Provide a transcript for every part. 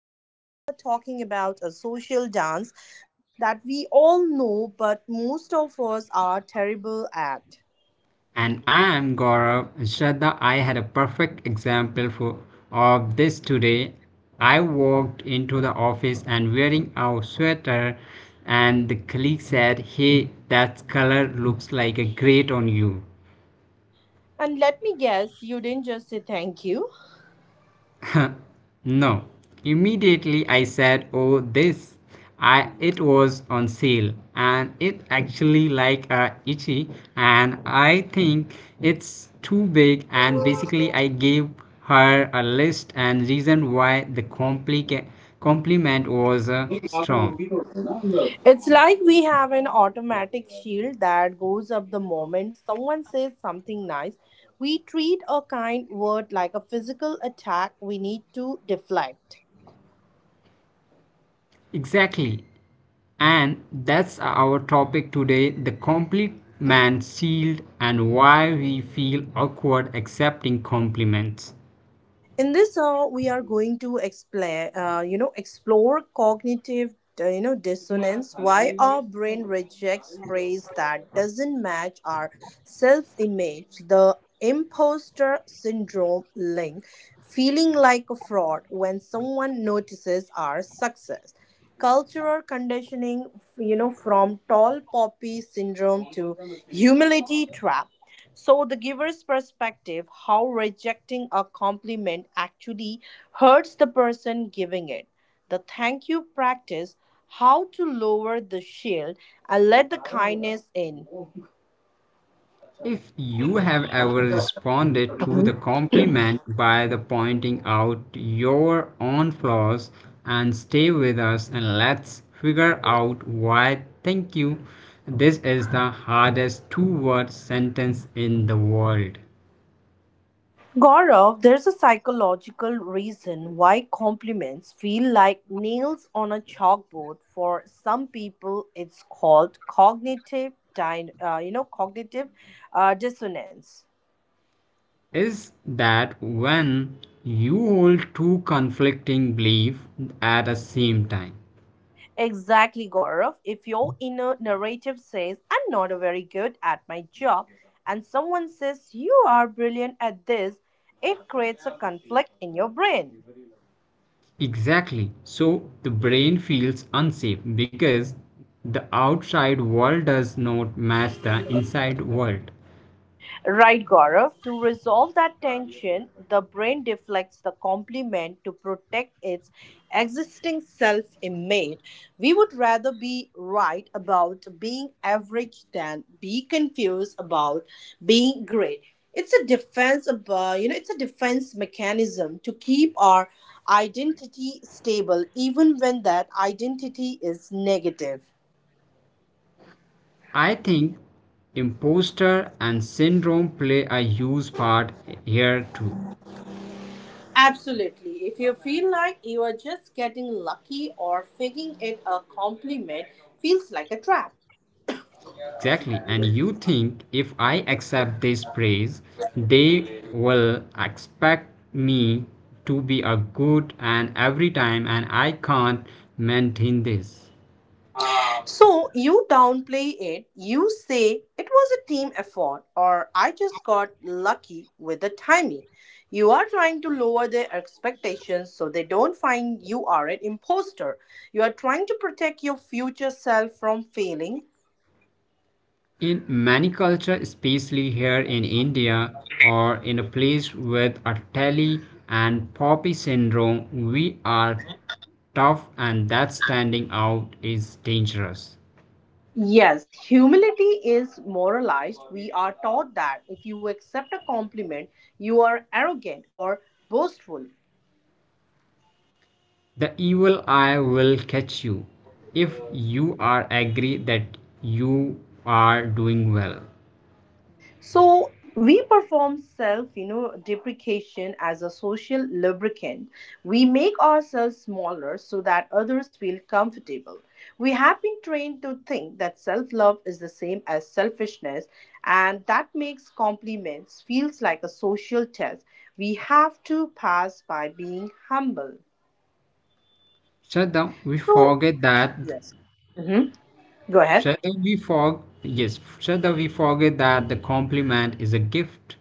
And today we are talking about a social dance that we all know, but most of us are terrible at. And I am Gaurav. Shraddha, I had a perfect example of this today. I walked into the office and wearing our sweater, and the colleague said, "Hey, that color looks like a great on you." And let me guess, you didn't just say thank you. No. Immediately I said, "Oh, this! I it was on sale, and it actually like a itchy, and I think it's too big." And basically, I gave her a list and reason why the compliment was strong. It's like we have an automatic shield that goes up the moment someone says something nice. We treat a kind word like a physical attack we need to deflect. Exactly. And that's our topic today, the compliment shield and why we feel awkward accepting compliments. In this, we are going to explore, explore cognitive, dissonance, why our brain rejects praise that doesn't match our self image, the imposter syndrome link, feeling like a fraud when someone notices our success, cultural conditioning, you know, from tall poppy syndrome to humility trap. So, the giver's perspective, how rejecting a compliment actually hurts the person giving it. The thank you practice, how to lower the shield and let the kindness in. If you have ever responded to the compliment by the pointing out your own flaws and stay with us and let's figure out why thank you, this is the hardest two word sentence in the world. Gaurav, there's a psychological reason why compliments feel like nails on a chalkboard. For some people, it's called cognitive, dissonance. Is that when you hold two conflicting beliefs at the same time? Exactly, Gaurav. If your inner narrative says, I'm not very good at my job, and someone says, you are brilliant at this, it creates a conflict in your brain. Exactly. So the brain feels unsafe because the outside world does not match the inside world. Right, Gaurav. To resolve that tension, the brain deflects the compliment to protect its existing self image. We would rather be right about being average than be confused about being great. It's a defense about, you know, it's a defense mechanism to keep our identity stable even when that identity is negative. I think imposter and syndrome play a huge part here too. Absolutely. If you feel like you are just getting lucky or faking it, a compliment feels like a trap. Exactly. And you think, if I accept this praise, they will expect me to be a good and every time and I can't maintain this. So you downplay it, you say it was a team effort or I just got lucky with the timing. You are trying to lower their expectations so they don't find you are an imposter. You are trying to protect your future self from failing. In many cultures, especially here in India or in a place with a telly and poppy syndrome, we are tough and that standing out is dangerous. Yes, humility is moralized. We are taught that if you accept a compliment, you are arrogant or boastful. The evil eye will catch you if you are agree that you are doing well. So we perform self, deprecation as a social lubricant. We make ourselves smaller so that others feel comfortable. We have been trained to think that self-love is the same as selfishness, and that makes compliments feels like a social test we have to pass by being humble. Shraddha, we So, forget that yes. Hmm. Go ahead. Shraddha, we forget. Yes, Shraddha, we forget that the compliment is a gift.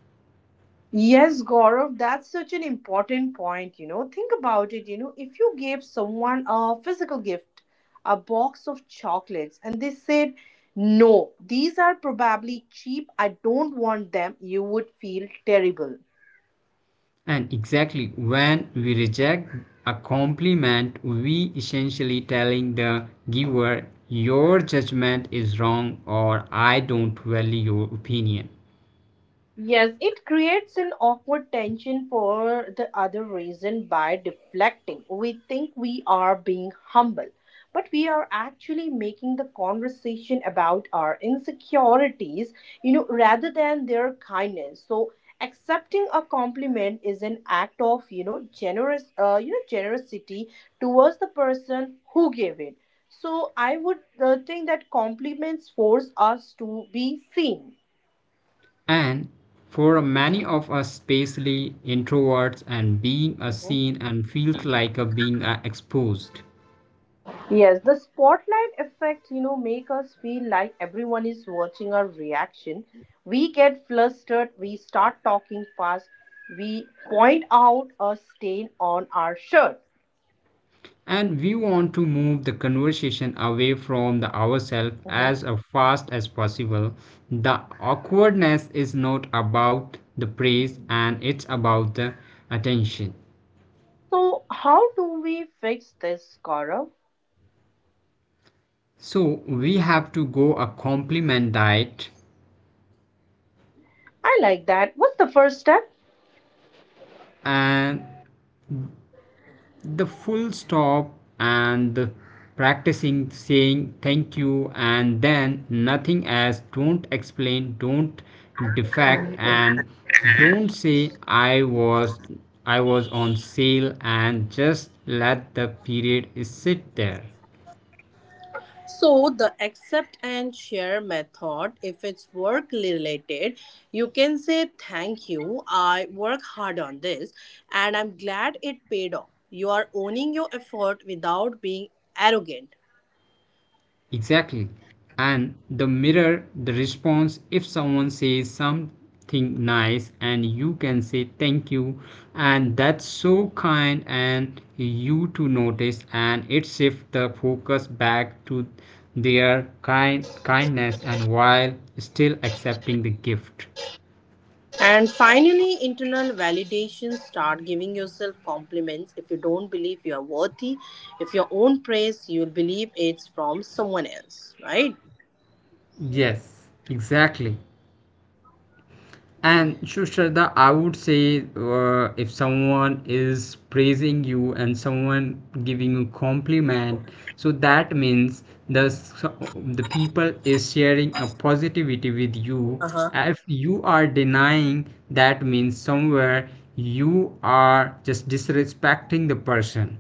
Yes, Gaurav, that's such an important point. You know, think about it. You know, if you gave someone a physical gift, a box of chocolates, and they said, no, these are probably cheap, I don't want them, you would feel terrible. And exactly when we reject a compliment, we essentially telling the giver, your judgment is wrong or I don't value your opinion. Yes, it creates an awkward tension for the other reason by deflecting. We think we are being humble, but we are actually making the conversation about our insecurities, you know, rather than their kindness. So accepting a compliment is an act of, generosity towards the person who gave it. So I would, think that compliments force us to be seen. And for many of us, especially introverts, and being a Mhm. seen and feels like a being exposed. Yes, the spotlight effect, you know, make us feel like everyone is watching our reaction. We get flustered, we start talking fast, we point out a stain on our shirt. And we want to move the conversation away from the ourselves Mhm. as fast as possible. The awkwardness is not about the praise and it's about the attention. So, how do we fix this, Gaurav? So we have to go a compliment diet I like that. What's the first step? and the full stop and practicing saying thank you and then nothing else. Don't explain, don't defect, and don't say I was I was on sale, and just let the period sit there. So the accept and share method, if it's work related, you can say thank you. I work hard on this and I'm glad it paid off. You are owning your effort without being arrogant. Exactly. And the mirror the response, if someone says something nice and you can say thank you and that's so kind and you to notice, and it shifts the focus back to their kind kindness and while still accepting the gift. And finally, internal validation. Start giving yourself compliments. If you don't believe you are worthy, if your own praise, you'll believe it's from someone else, right? Yes, exactly. And sure, Shraddha, I would say if someone is praising you and someone giving you compliment, so that means the people is sharing a positivity with you. Uh huh. If you are denying, that means somewhere you are just disrespecting the person.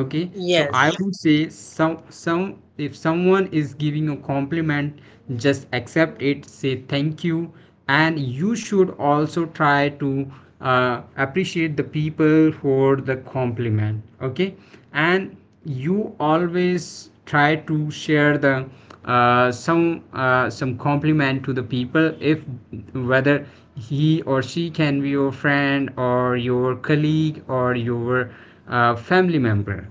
Okay, so I Yes. would say some, if someone is giving a compliment, just accept it, say thank you, and you should also try to appreciate the people for the compliment. Okay. And you always try to share the some, some compliment to the people, if whether he or she can be your friend or your colleague or your family member.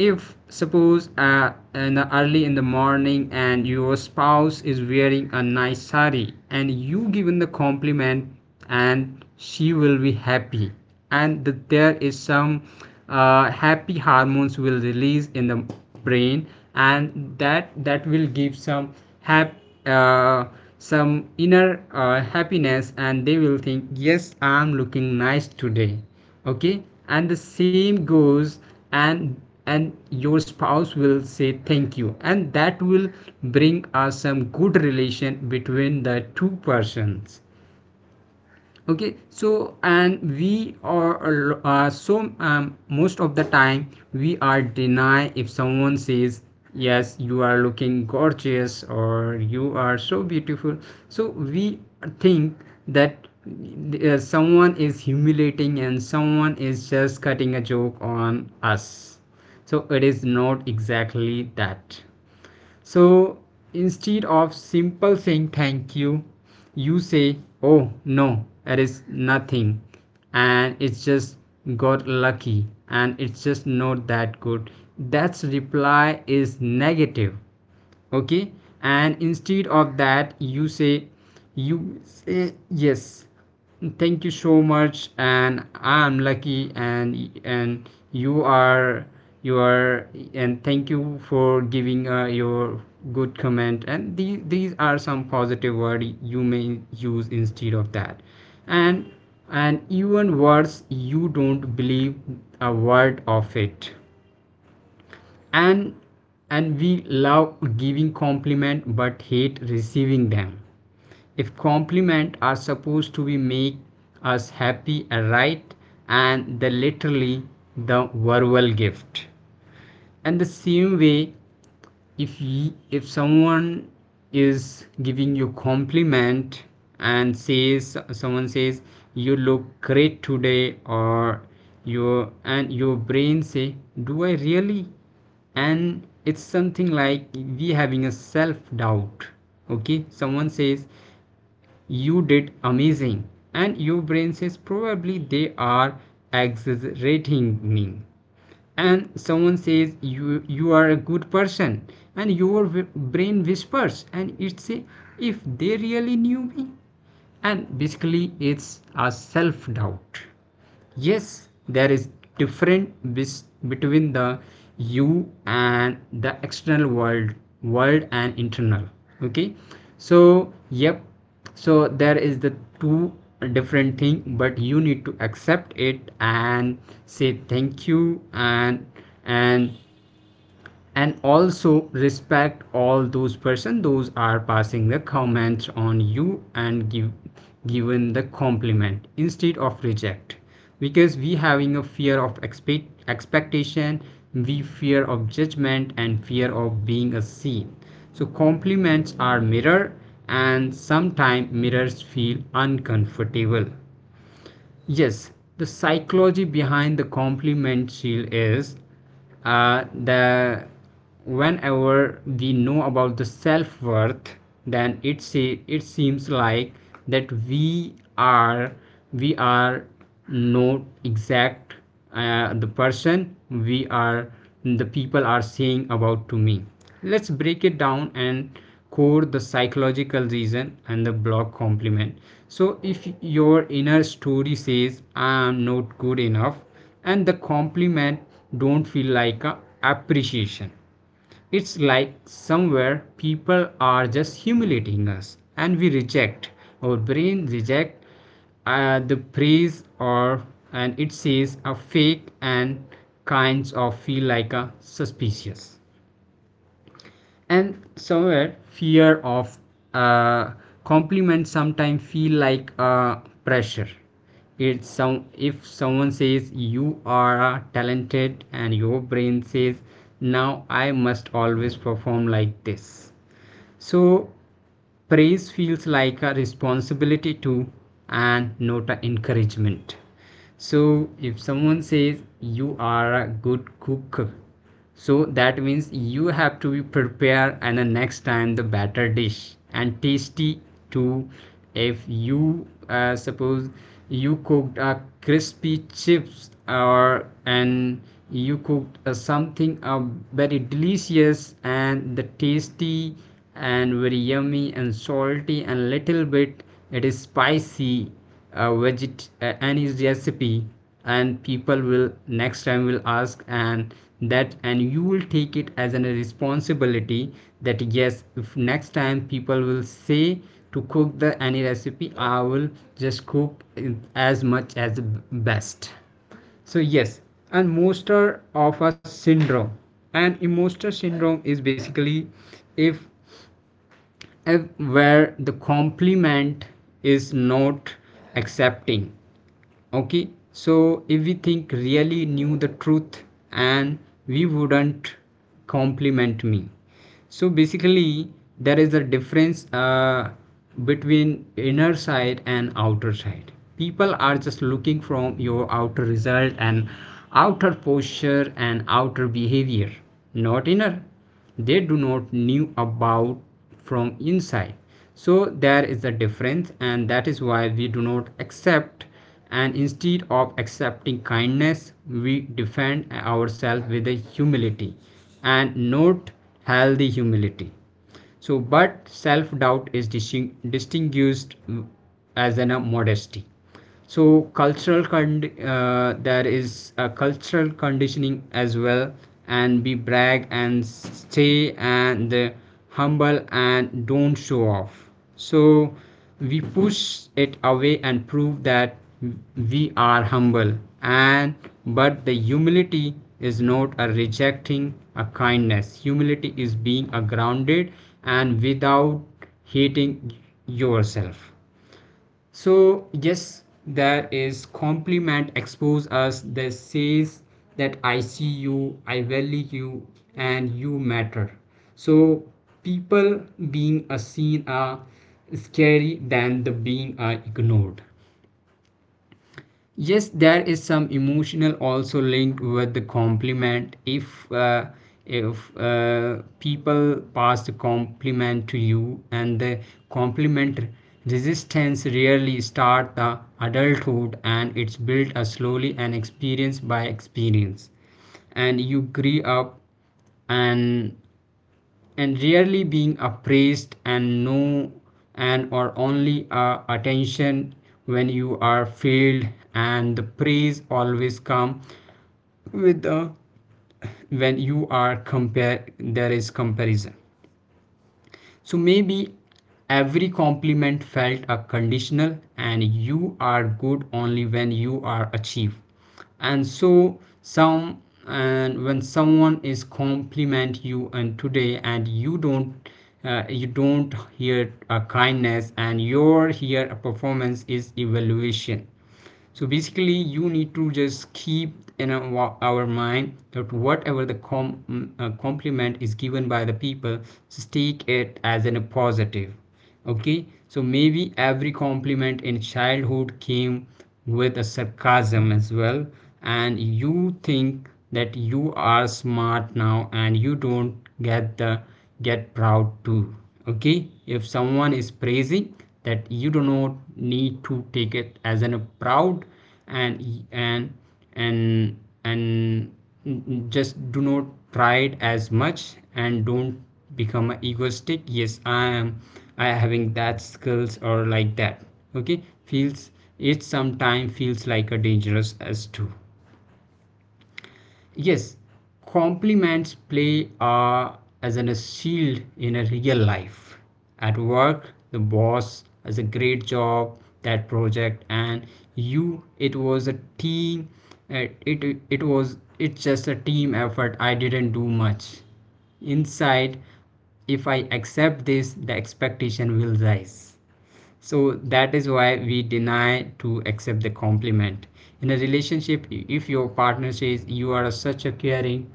If suppose in the early in the morning and your spouse is wearing a nice sari and you given the compliment, and she will be happy, and there is some happy hormones will release in the brain, and that will give some hap, uh, some inner happiness, and they will think yes I'm looking nice today. Okay. And the same goes, and and your spouse will say thank you, and that will bring us some good relation between the two persons. Okay. So, and we are so, most of the time we are deny. If someone says yes you are looking gorgeous or you are so beautiful, so we think that someone is humiliating and someone is just cutting a joke on us. So it is not exactly that. So instead of simple saying thank you, you say, "Oh no, it is nothing, and it's just got lucky, and it's just not that good." That's reply is negative. Okay. And instead of that you say, you say yes, thank you so much and I'm lucky, and you are you are, and thank you for giving your good comment, and these are some positive words you may use instead of that. and and even words you don't believe a word of it. and and we love giving compliment but hate receiving them. If compliment are supposed to be make us happy, right? And they literally the verbal gift. And the same way, if y- if someone is giving you compliment and says, someone says you look great today, or your, and your brain say, do I really? And it's something like we having a self doubt. Okay. Someone says you did amazing, and your brain says probably they are exaggerating me. And someone says you you are a good person, and your brain whispers and it say, if they really knew me. And basically it's a self doubt. Yes, there is different between the you and the external world, world and internal. Okay. So yep. So there is the two different thing, but you need to accept it and say thank you, and and also respect all those person those are passing the comments on you and give given the compliment instead of reject. Because we having a fear of expectation, we fear of judgment and fear of being a seen. So compliments are mirror, and sometimes mirrors feel uncomfortable. Yes, the psychology behind the compliment shield is the whenever we know about the self worth, then it seems like that we are not exact the person we are, the people are saying about to me. Let's break it down and code the psychological reason and the block compliment. So if your inner story says I am not good enough, and the compliment don't feel like a appreciation, it's like somewhere people are just humiliating us and we reject. Our brain reject the praise or, and it says a fake and kinds of feel like a suspicious. And somewhere fear of uh, compliments sometimes feel like pressure. It's some, if someone says you are talented, and your brain says now I must always perform like this. So praise feels like a responsibility too and not an encouragement. So if someone says you are a good cook, so that means you have to be prepared and the next time the better dish and tasty too. If you suppose you cooked a crispy chips or, and you cooked something very delicious and the tasty and very yummy and salty and little bit it is spicy, veget any recipe, and people will next time will ask and that, and you will take it as a responsibility that yes, if next time people will say to cook the any recipe, I will just cook it as much as best. So yes, and imposter of a syndrome. And imposter syndrome is basically, if uh, where the compliment is not accepting. Okay. So if we think really knew the truth, and we wouldn't compliment me. So basically there is a difference between inner side and outer side. People are just looking from your outer result and outer posture and outer behavior, not inner. They do not knew about from inside. So there is a difference, and that is why we do not accept. And instead of accepting kindness, we defend ourselves with a humility and not healthy humility. So, but self doubt is distinguished as an modesty. So, there is a cultural conditioning as well, and be brag and stay and humble and don't show off. So we push it away and prove that we are humble, and but the humility is not a rejecting a kindness, humility is being a grounded and without hating yourself. So yes, there is compliment expose us that says that I see you, I value you, and you matter. So people being a seen are scary than the being are ignored. Yes, there is some emotional also linked with the compliment. If people pass the compliment to you, and the compliment resistance really start the adulthood, and it's built slowly and experience by experience. And you grew up and and rarely being appraised, and no, and or only attention when you are failed. And the praise always come with the when you are compare, there is comparison. So maybe every compliment felt a conditional, and you are good only when you are achieved. And when someone is compliment you and today and you don't hear a kindness and your here a performance is evaluation. So basically you need to just keep in mind that whatever the compliment is given by the people, just take it as in a positive. Okay, so maybe every compliment in childhood came with a sarcasm as well, and you think that you are smart now and you don't get the get proud too. Okay, if someone is praising, that you do not need to take it as an a proud. And and and and just do not try it as much and don't become a egoistic. Yes, I am I having that skills or like that. Okay, feels it sometimes feels like a dangerous as too. Yes, compliments play as an, a shield in a real life. At work, the boss has a great job, that project, and you, it was a team. It was it's just a team effort. I didn't do much. Inside, if I accept this, the expectation will rise. So that is why we deny to accept the compliment. In a relationship, if your partner says you are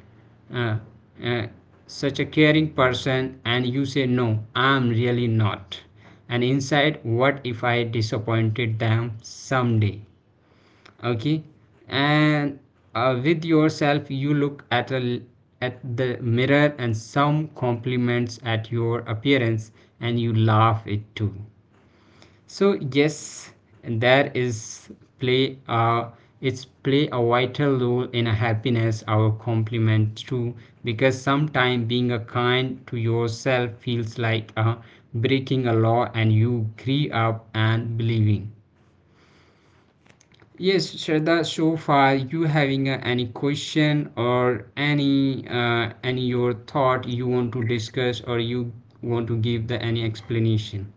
uh, uh, such a caring person, and you say no, I'm really not, and inside, what if I disappointed them someday? Okay, and with yourself you look at at the mirror and some compliments at your appearance and you laugh it too. So yes, there is play. It's play a vital role in a happiness. Our compliment too, because sometimes being a kind to yourself feels like breaking a law, and you grew up and believing. Yes, Shraddha. So far, you having any question or any your thought you want to discuss or you want to give the any explanation?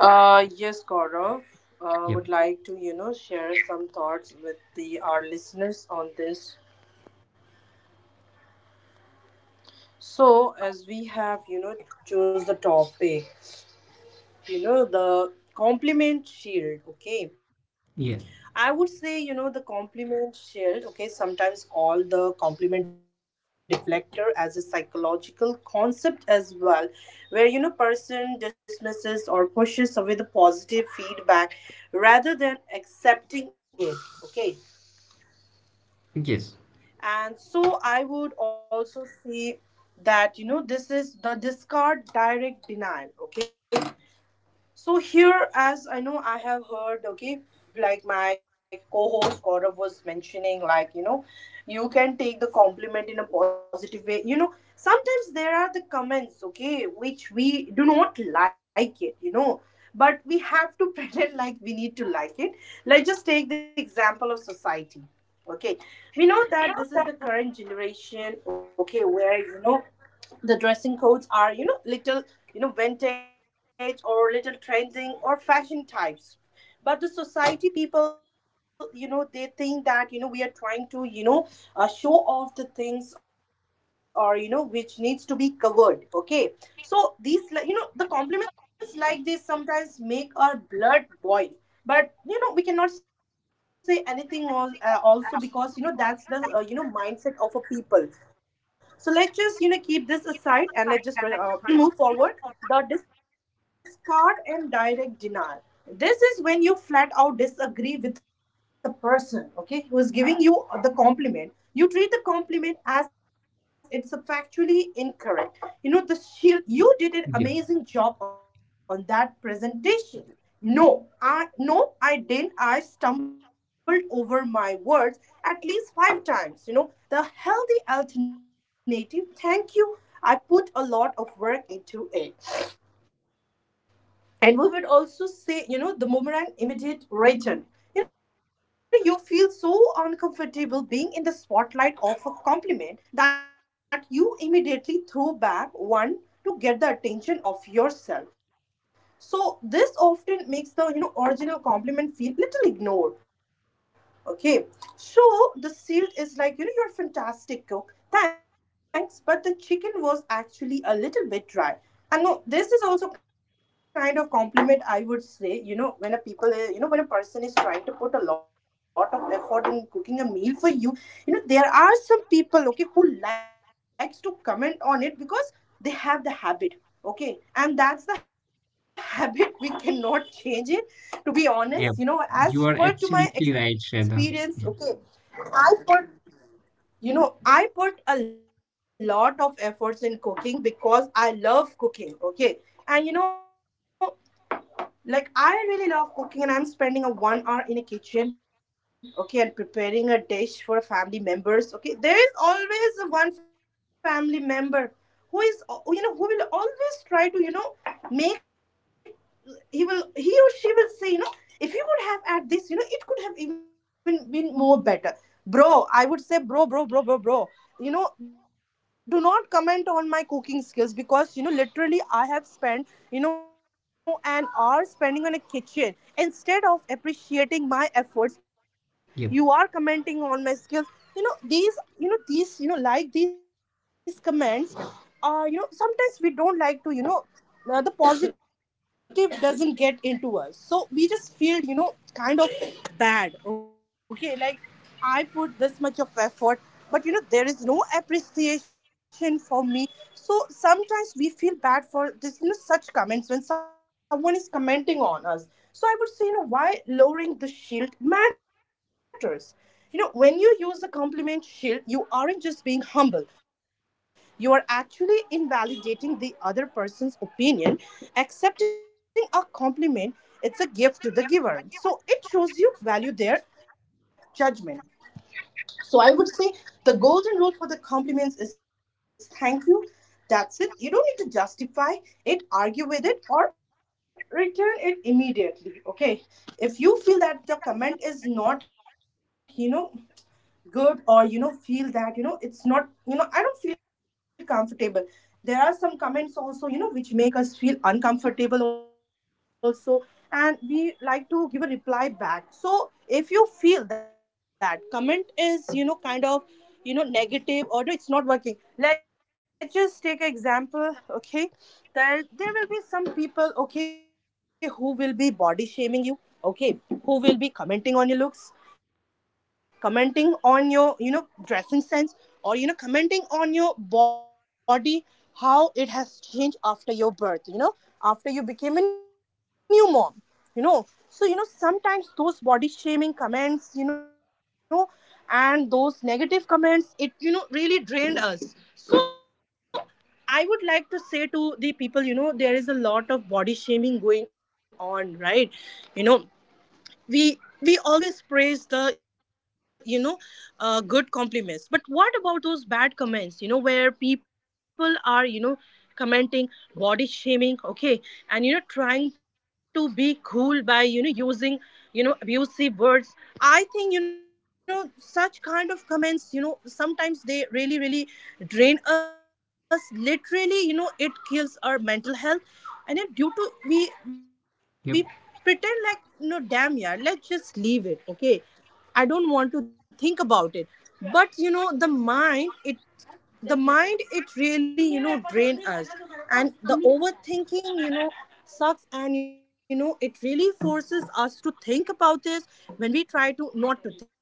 Yes, Gaurav. Yep. Would like to, you know, share some thoughts with the our listeners on this. So, as we have, you know, chose the topic, you know, the compliment shield. Okay, I Yeah. would say, you know, the compliment shield. Okay, sometimes called the compliment deflector as a psychological concept as well, where, you know, person dismisses or pushes away the positive feedback rather than accepting it. Okay, and Yes. so I would also say that, you know, this is the discard direct denial, okay. So here, as I know, I have heard, okay, like my co-host Gaurav was mentioning, like, you know, you can take the compliment in a positive way. You know, sometimes there are the comments, okay, which we do not like it, you know, but we have to pretend like we need to like it. Let's just take the example of society. Okay, we know that this is the current generation, okay, where, you know, the dressing codes are, you know, little, you know, vintage or little trending or fashion types, but the society people, you know, they think that, you know, we are trying to, show off the things or, you know, which needs to be covered, okay. So you know, the compliments like this sometimes make our blood boil, but you know we cannot say anything, also, because you know that's the, you know, mindset of a people. So let's just, you know, keep this aside and let's just, move forward. The discard and direct denial, this is when you flat out disagree with the person, okay, who is giving you the compliment. You treat the compliment as it's a factually incorrect. You know, the shield, you Yeah. did an amazing job on that presentation. No, I didn't, I stumbled over my words at least five times, you know. The healthy alternative, thank you, I put a lot of work into it. And we would also say, you know, the boomerang immediate return. You know, you feel so uncomfortable being in the spotlight of a compliment that you immediately throw back one to get the attention of yourself. So this often makes the, you know, original compliment feel little ignored. Okay. So the sealed is like, you know, you're a fantastic cook. Thanks, but the chicken was actually a little bit dry, and no, this is also kind of compliment, I would say, you know, when a people, when a person is trying to put a lot of effort in cooking a meal for you, you know, there are some people, okay, who likes to comment on it because they have the habit, okay, and that's the habit, we cannot change it, to be Yep, honest, you know, you are as per absolutely to right, my Shraddha. Yep, experience, okay. I put. You know, I put a lot of efforts in cooking because I love cooking, okay? And you know, like I really love cooking and I'm spending a 1 hour in a kitchen, okay, and preparing a dish for a family members, okay? There is always a one family member who is who, you know, who will always try to, you know, make he or she will say, you know, if you would have add this, you know, it could have even been more better. Bro, I would say bro. You know, do not comment on my cooking skills because you know literally I have spent, you know, an hour spending on a kitchen, instead of appreciating my efforts, yep, you are commenting on my skills. you know these you know, these, like these comments are, you know, sometimes we don't like to, you know, the positive doesn't get into us, so we just feel, you know, kind of bad, okay. Like, I put this much of effort, but you know there is no appreciation for me, so sometimes we feel bad for this, you know, such comments when someone is commenting on us. So I would say, you know, why lowering the shield matters. You know, when you use a compliment shield, you aren't just being humble. You are actually invalidating the other person's opinion. Accepting a compliment, it's a gift to the giver. So it shows you value their judgment. So I would say the golden rule for the compliments is thank you. That's it. You don't need to justify it, argue with it, or return it immediately. Okay. If you feel that the comment is not good, or feel that it's not, I don't feel comfortable. There are some comments also which make us feel uncomfortable also, and we like to give a reply back. So if you feel that comment is kind of negative, or no, it's not working. Let's just take an example. Okay, there will be some people, okay, who will be body shaming you, okay, who will be commenting on your looks, commenting on your dressing sense, or commenting on your body, how it has changed after your birth, after you became a new mom. you know so sometimes those body shaming comments, and those negative comments, it really drained us. So I would like to say to the people, there is a lot of body shaming going on, right? you know we we always praise the good compliments, but what about those bad comments? Where people are commenting, body shaming, okay, and trying to be cool by using abusive words. I think such kind of comments, sometimes they really really drain us literally. It kills our mental health. And then due to, we pretend yep. like, no damn, yeah, let's just leave it. Okay, I don't want to think about it. But the mind it, the mind it really drain us, and the overthinking, sucks, and it really forces us to think about this when we try to not to think.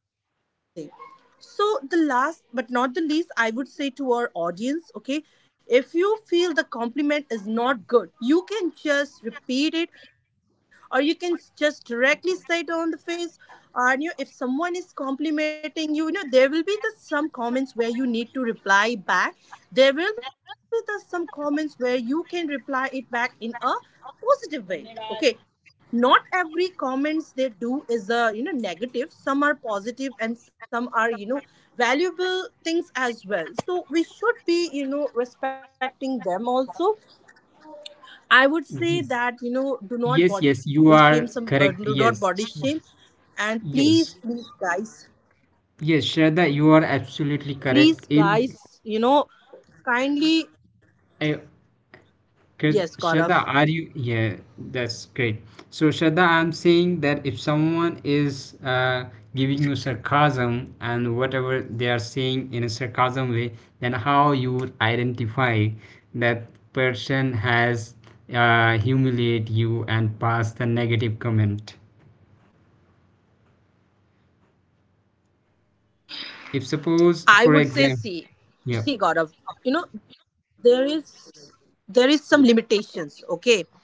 So, the last but not the least, I would say to our audience, okay, if you feel the compliment is not good, you can just repeat it, or you can just directly say it on the face. And you, if someone is complimenting you, you know, there will be the, some comments where you need to reply back. There will be the, some comments where you can reply it back in a positive way. Okay, not every comments they do is a negative. Some are positive, and some are valuable things as well. So we should be respecting them also. I would say that This is— do not body shame Yes, some, yes, you do not are body correct. shame. Yes, sh— And please please guys, yes, yes, Shraddha, you are please absolutely guys, correct you know in kindly. uh, Yes, Gaurav. Could, Shraddha, are you? Yeah, that's great. So, Shraddha, I'm saying that if someone is giving you sarcasm and whatever they are saying in a sarcasm way, then how you would identify that person has humiliate you and pass the negative comment? If I suppose, would for say, see, example, see, yep, Gaurav, you know, there is there is some limitations. Okay,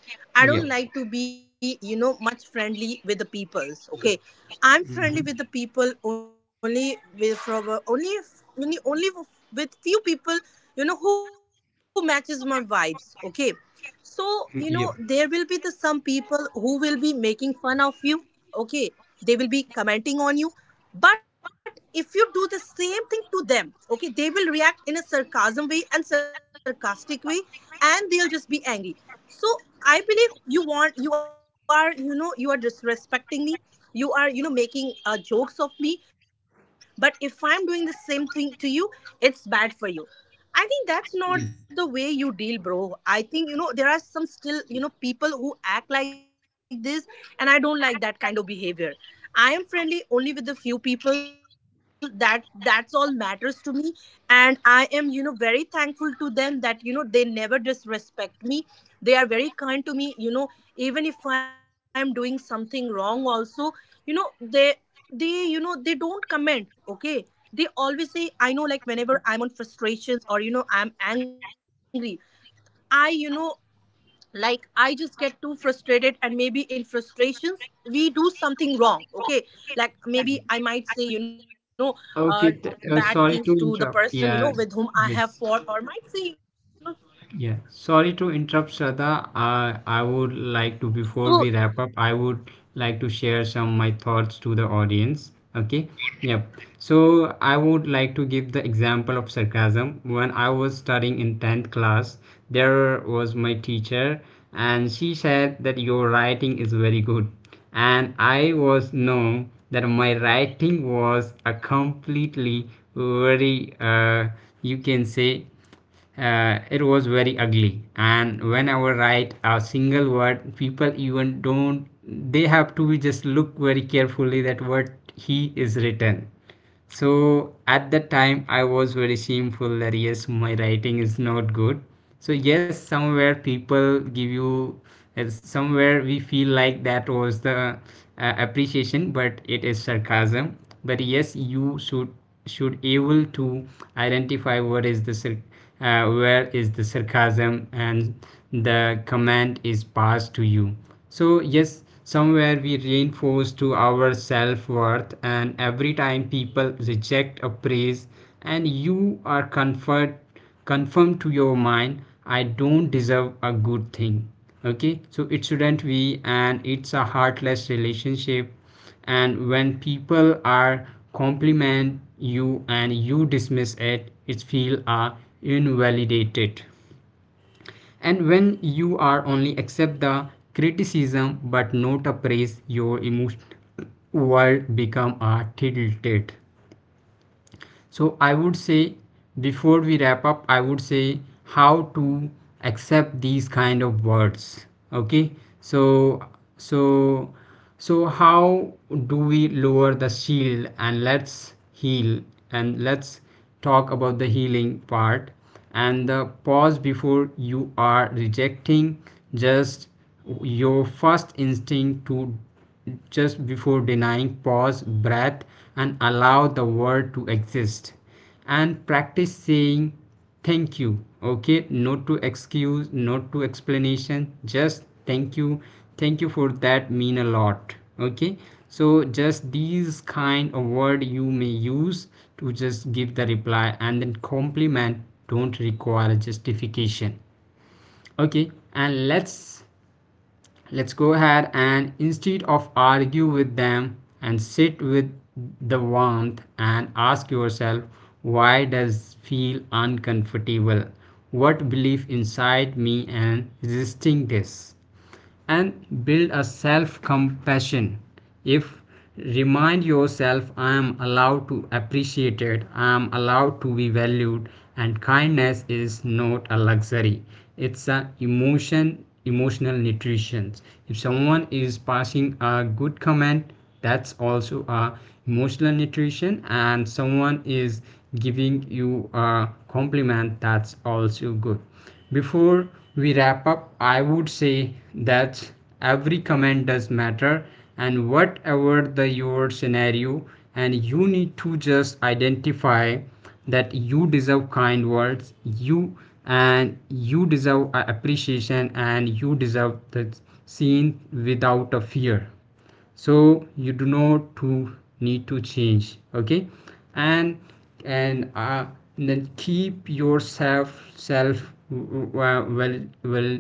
I don't like to yep, be, much friendly with the peoples. Okay, I'm friendly with the mm-hmm, people only with from a- only f- only only f- with few people, who matches my vibes. Okay, so there will be yeah, the some people who will be making fun of you, okay, they will be commenting on you, but if you do the same thing to them, okay, they will react in a sarcasm way and sarcastic way, and they'll just be angry. So I believe you want, you are, you are disrespecting me, you are, making jokes of me, but if I'm doing the same thing to you, it's bad for you. I think that's not the way yes. you deal, bro. I think, there are some still, people who act like this, and I don't like that kind of behavior. I am friendly only with the few people, that's all matters to me, and I am very thankful to them, that they never disrespect me. They are very kind to me, even if I am doing something wrong also, you know they they they don't comment, okay. They always say, I know, like whenever I'm on frustrations, or I'm angry, I like I just get too frustrated, and maybe in frustrations we do something wrong, okay, like maybe I might say uh, bad Okay, things to the sorry to person interrupt. with whom Yeah, I have yes. fought, or might say, Yeah, sorry to interrupt, Shraddha. I would so, like to, before we wrap up, I would like to share some my thoughts to the audience. Okay, yep. So I would like to give the sure sure example of sure. sarcasm. When I was studying in 10th class, there was my teacher, and she said that your writing is very good. And I was know that my writing was a completely very, you can say, it was very ugly and whenever write a single word people even don't they have to just look very carefully that what he is written. So at that time I was very shameful that yes my writing is not good. So yes, somewhere people give you somewhere we feel like that was the appreciation, but it is sarcasm. But yes, you should able to identify what is the where is the sarcasm and the command is passed to you. So yes, somewhere we reinforce to our self-worth and every time people reject a praise and you are comfort confirm to your mind, I don't deserve a good thing. Okay, so it shouldn't be and it's a heartless relationship. And when people are compliment you and you dismiss it, it feel are invalidated. And when you are only accept the criticism but not a praise, your emotion world become a tilted. So I would say before we wrap up, I would say how to accept these kind of words. Okay. So so so how do we lower the shield and let's heal, and let's talk about the healing part, and the pause before you are rejecting, just your first instinct to just before denying pause breath, and allow the word to exist, and practice saying thank you. Okay, not to excuse, not to explanation, just thank you. Thank you for that mean a lot. Okay, so just these kind of word you may use to just give the reply, and then compliment don't require a justification. Okay, and let's go ahead and instead of argue with them, and sit with the warmth and ask yourself why does feel uncomfortable, what belief inside me and resisting this, and build a self compassion. If remind yourself, I am allowed to appreciate it, I am allowed to be valued, and kindness is not a luxury, it's a emotion emotional nutrition. If someone is passing a good comment, that's also a emotional nutrition. And someone is giving you a compliment, that's also good. Before we wrap up, I would say that every comment does matter, and whatever the your scenario, and you need to just identify that you deserve kind words, you, and you deserve appreciation, and you deserve the seen without a fear. So you do not to need to change. Okay, and and uh, then keep yourself self well well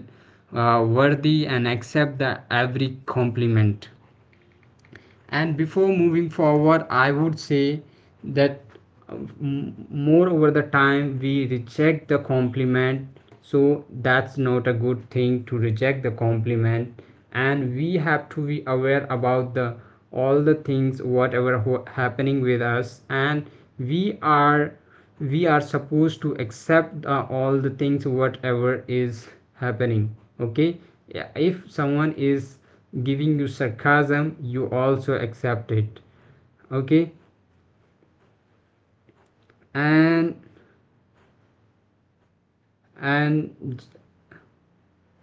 worthy and accept the every compliment. And before moving forward, I would say that more over the time we reject the compliment. So that's not a good thing to reject the compliment. And we have to be aware about the all the things whatever happening with us. And we are we are supposed to accept all the things whatever is happening. Okay. Yeah, if someone is giving you sarcasm, you also accept it. Okay. And and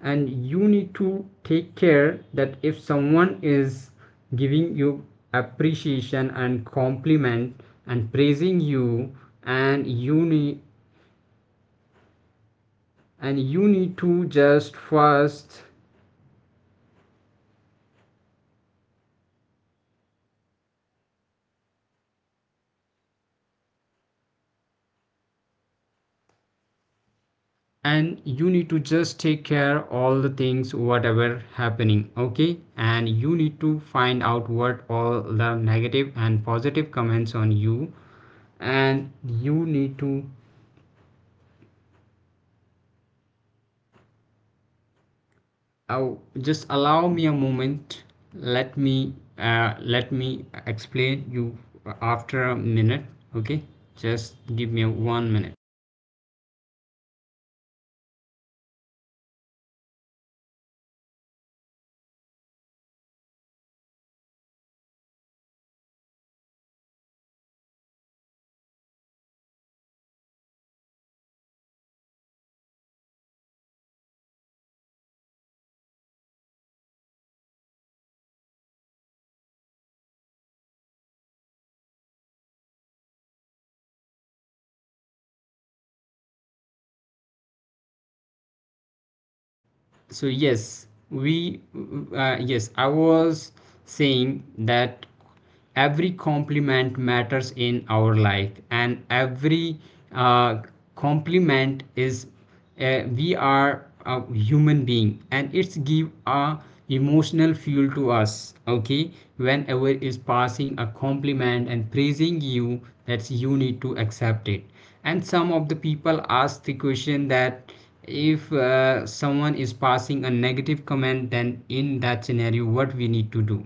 and you need to take care that if someone is giving you appreciation and compliment and praising you, and you need and you need to just first, and you need to just take care all the things whatever happening. Okay, and you need to find out what all the negative and positive comments on you, and you need to uh, just allow me a moment. Let me let me explain you after a minute. Okay, just give me 1 minute. So yes, we yes I was saying that every compliment matters in our life, and every uh, compliment is we are a human being, and it's give a emotional fuel to us. Okay, whenever is passing a compliment and praising you, that's you need to accept it. And some of the people ask the question that if someone is passing a negative comment, then in that scenario what we need to do.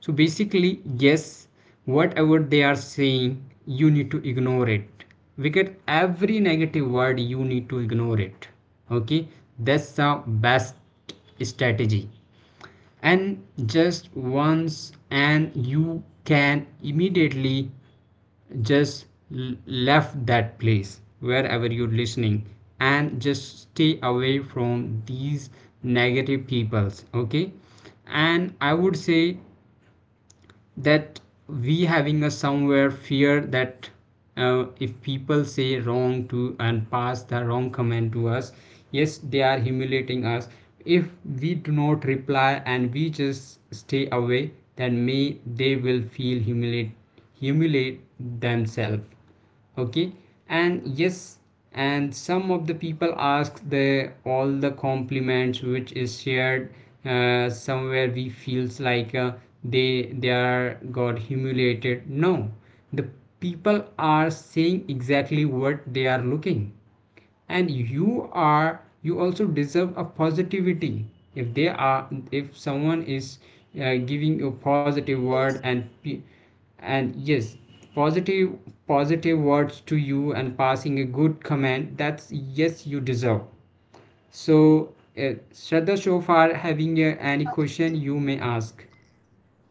So basically, yes, whatever they are saying you need to ignore it, because every negative word you need to ignore it. Okay, that's the best strategy. And just once and you can immediately just left that place wherever you're listening, and just stay away from these negative peoples. Okay, and I would say that we having a somewhere fear that if people say wrong to and pass the wrong comment to us, yes they are humiliating us. If we do not reply and we just stay away, then may they will feel humiliate humiliate themselves. Okay. And yes, and some of the people ask the all the compliments which is shared, somewhere we feels like they are got humiliated. No, the people are saying exactly what they are looking, and you are you also deserve a positivity. If they are, if someone is giving you a positive word and and yes positive positive words to you and passing a good comment, that's yes you deserve. So Shraddha, so far having any question you may ask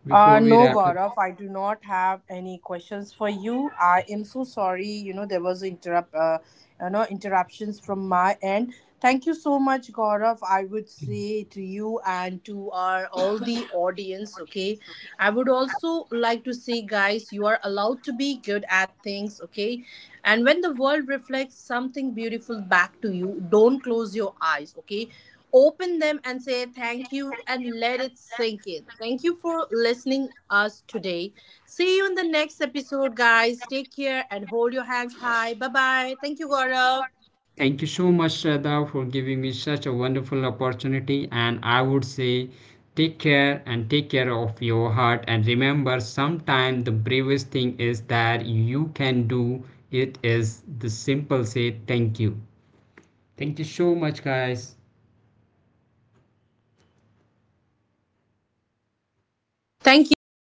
Before we No, wrap Gaurav, I up. do not have any questions for you. I am so sorry. There was interrupt. Interruptions from my end. Thank you so much, Gaurav. I would say to you and to our all the audience. Okay, I would also like to say, guys, you are allowed to be good at things. Okay, and when the world reflects something beautiful back to you, don't close your eyes. Okay, open them and say thank you and let it sink in. Thank you for listening us today. See you in the next episode, guys. Take care and hold your hands high. Bye bye. Thank you, Gaurav. Thank you so much, Shraddha, for giving me such a wonderful opportunity. And I would say, take care and take care of your heart. And remember, sometimes the bravest thing is that you can do it is the simple say thank you. Thank you so much, guys. Thank you.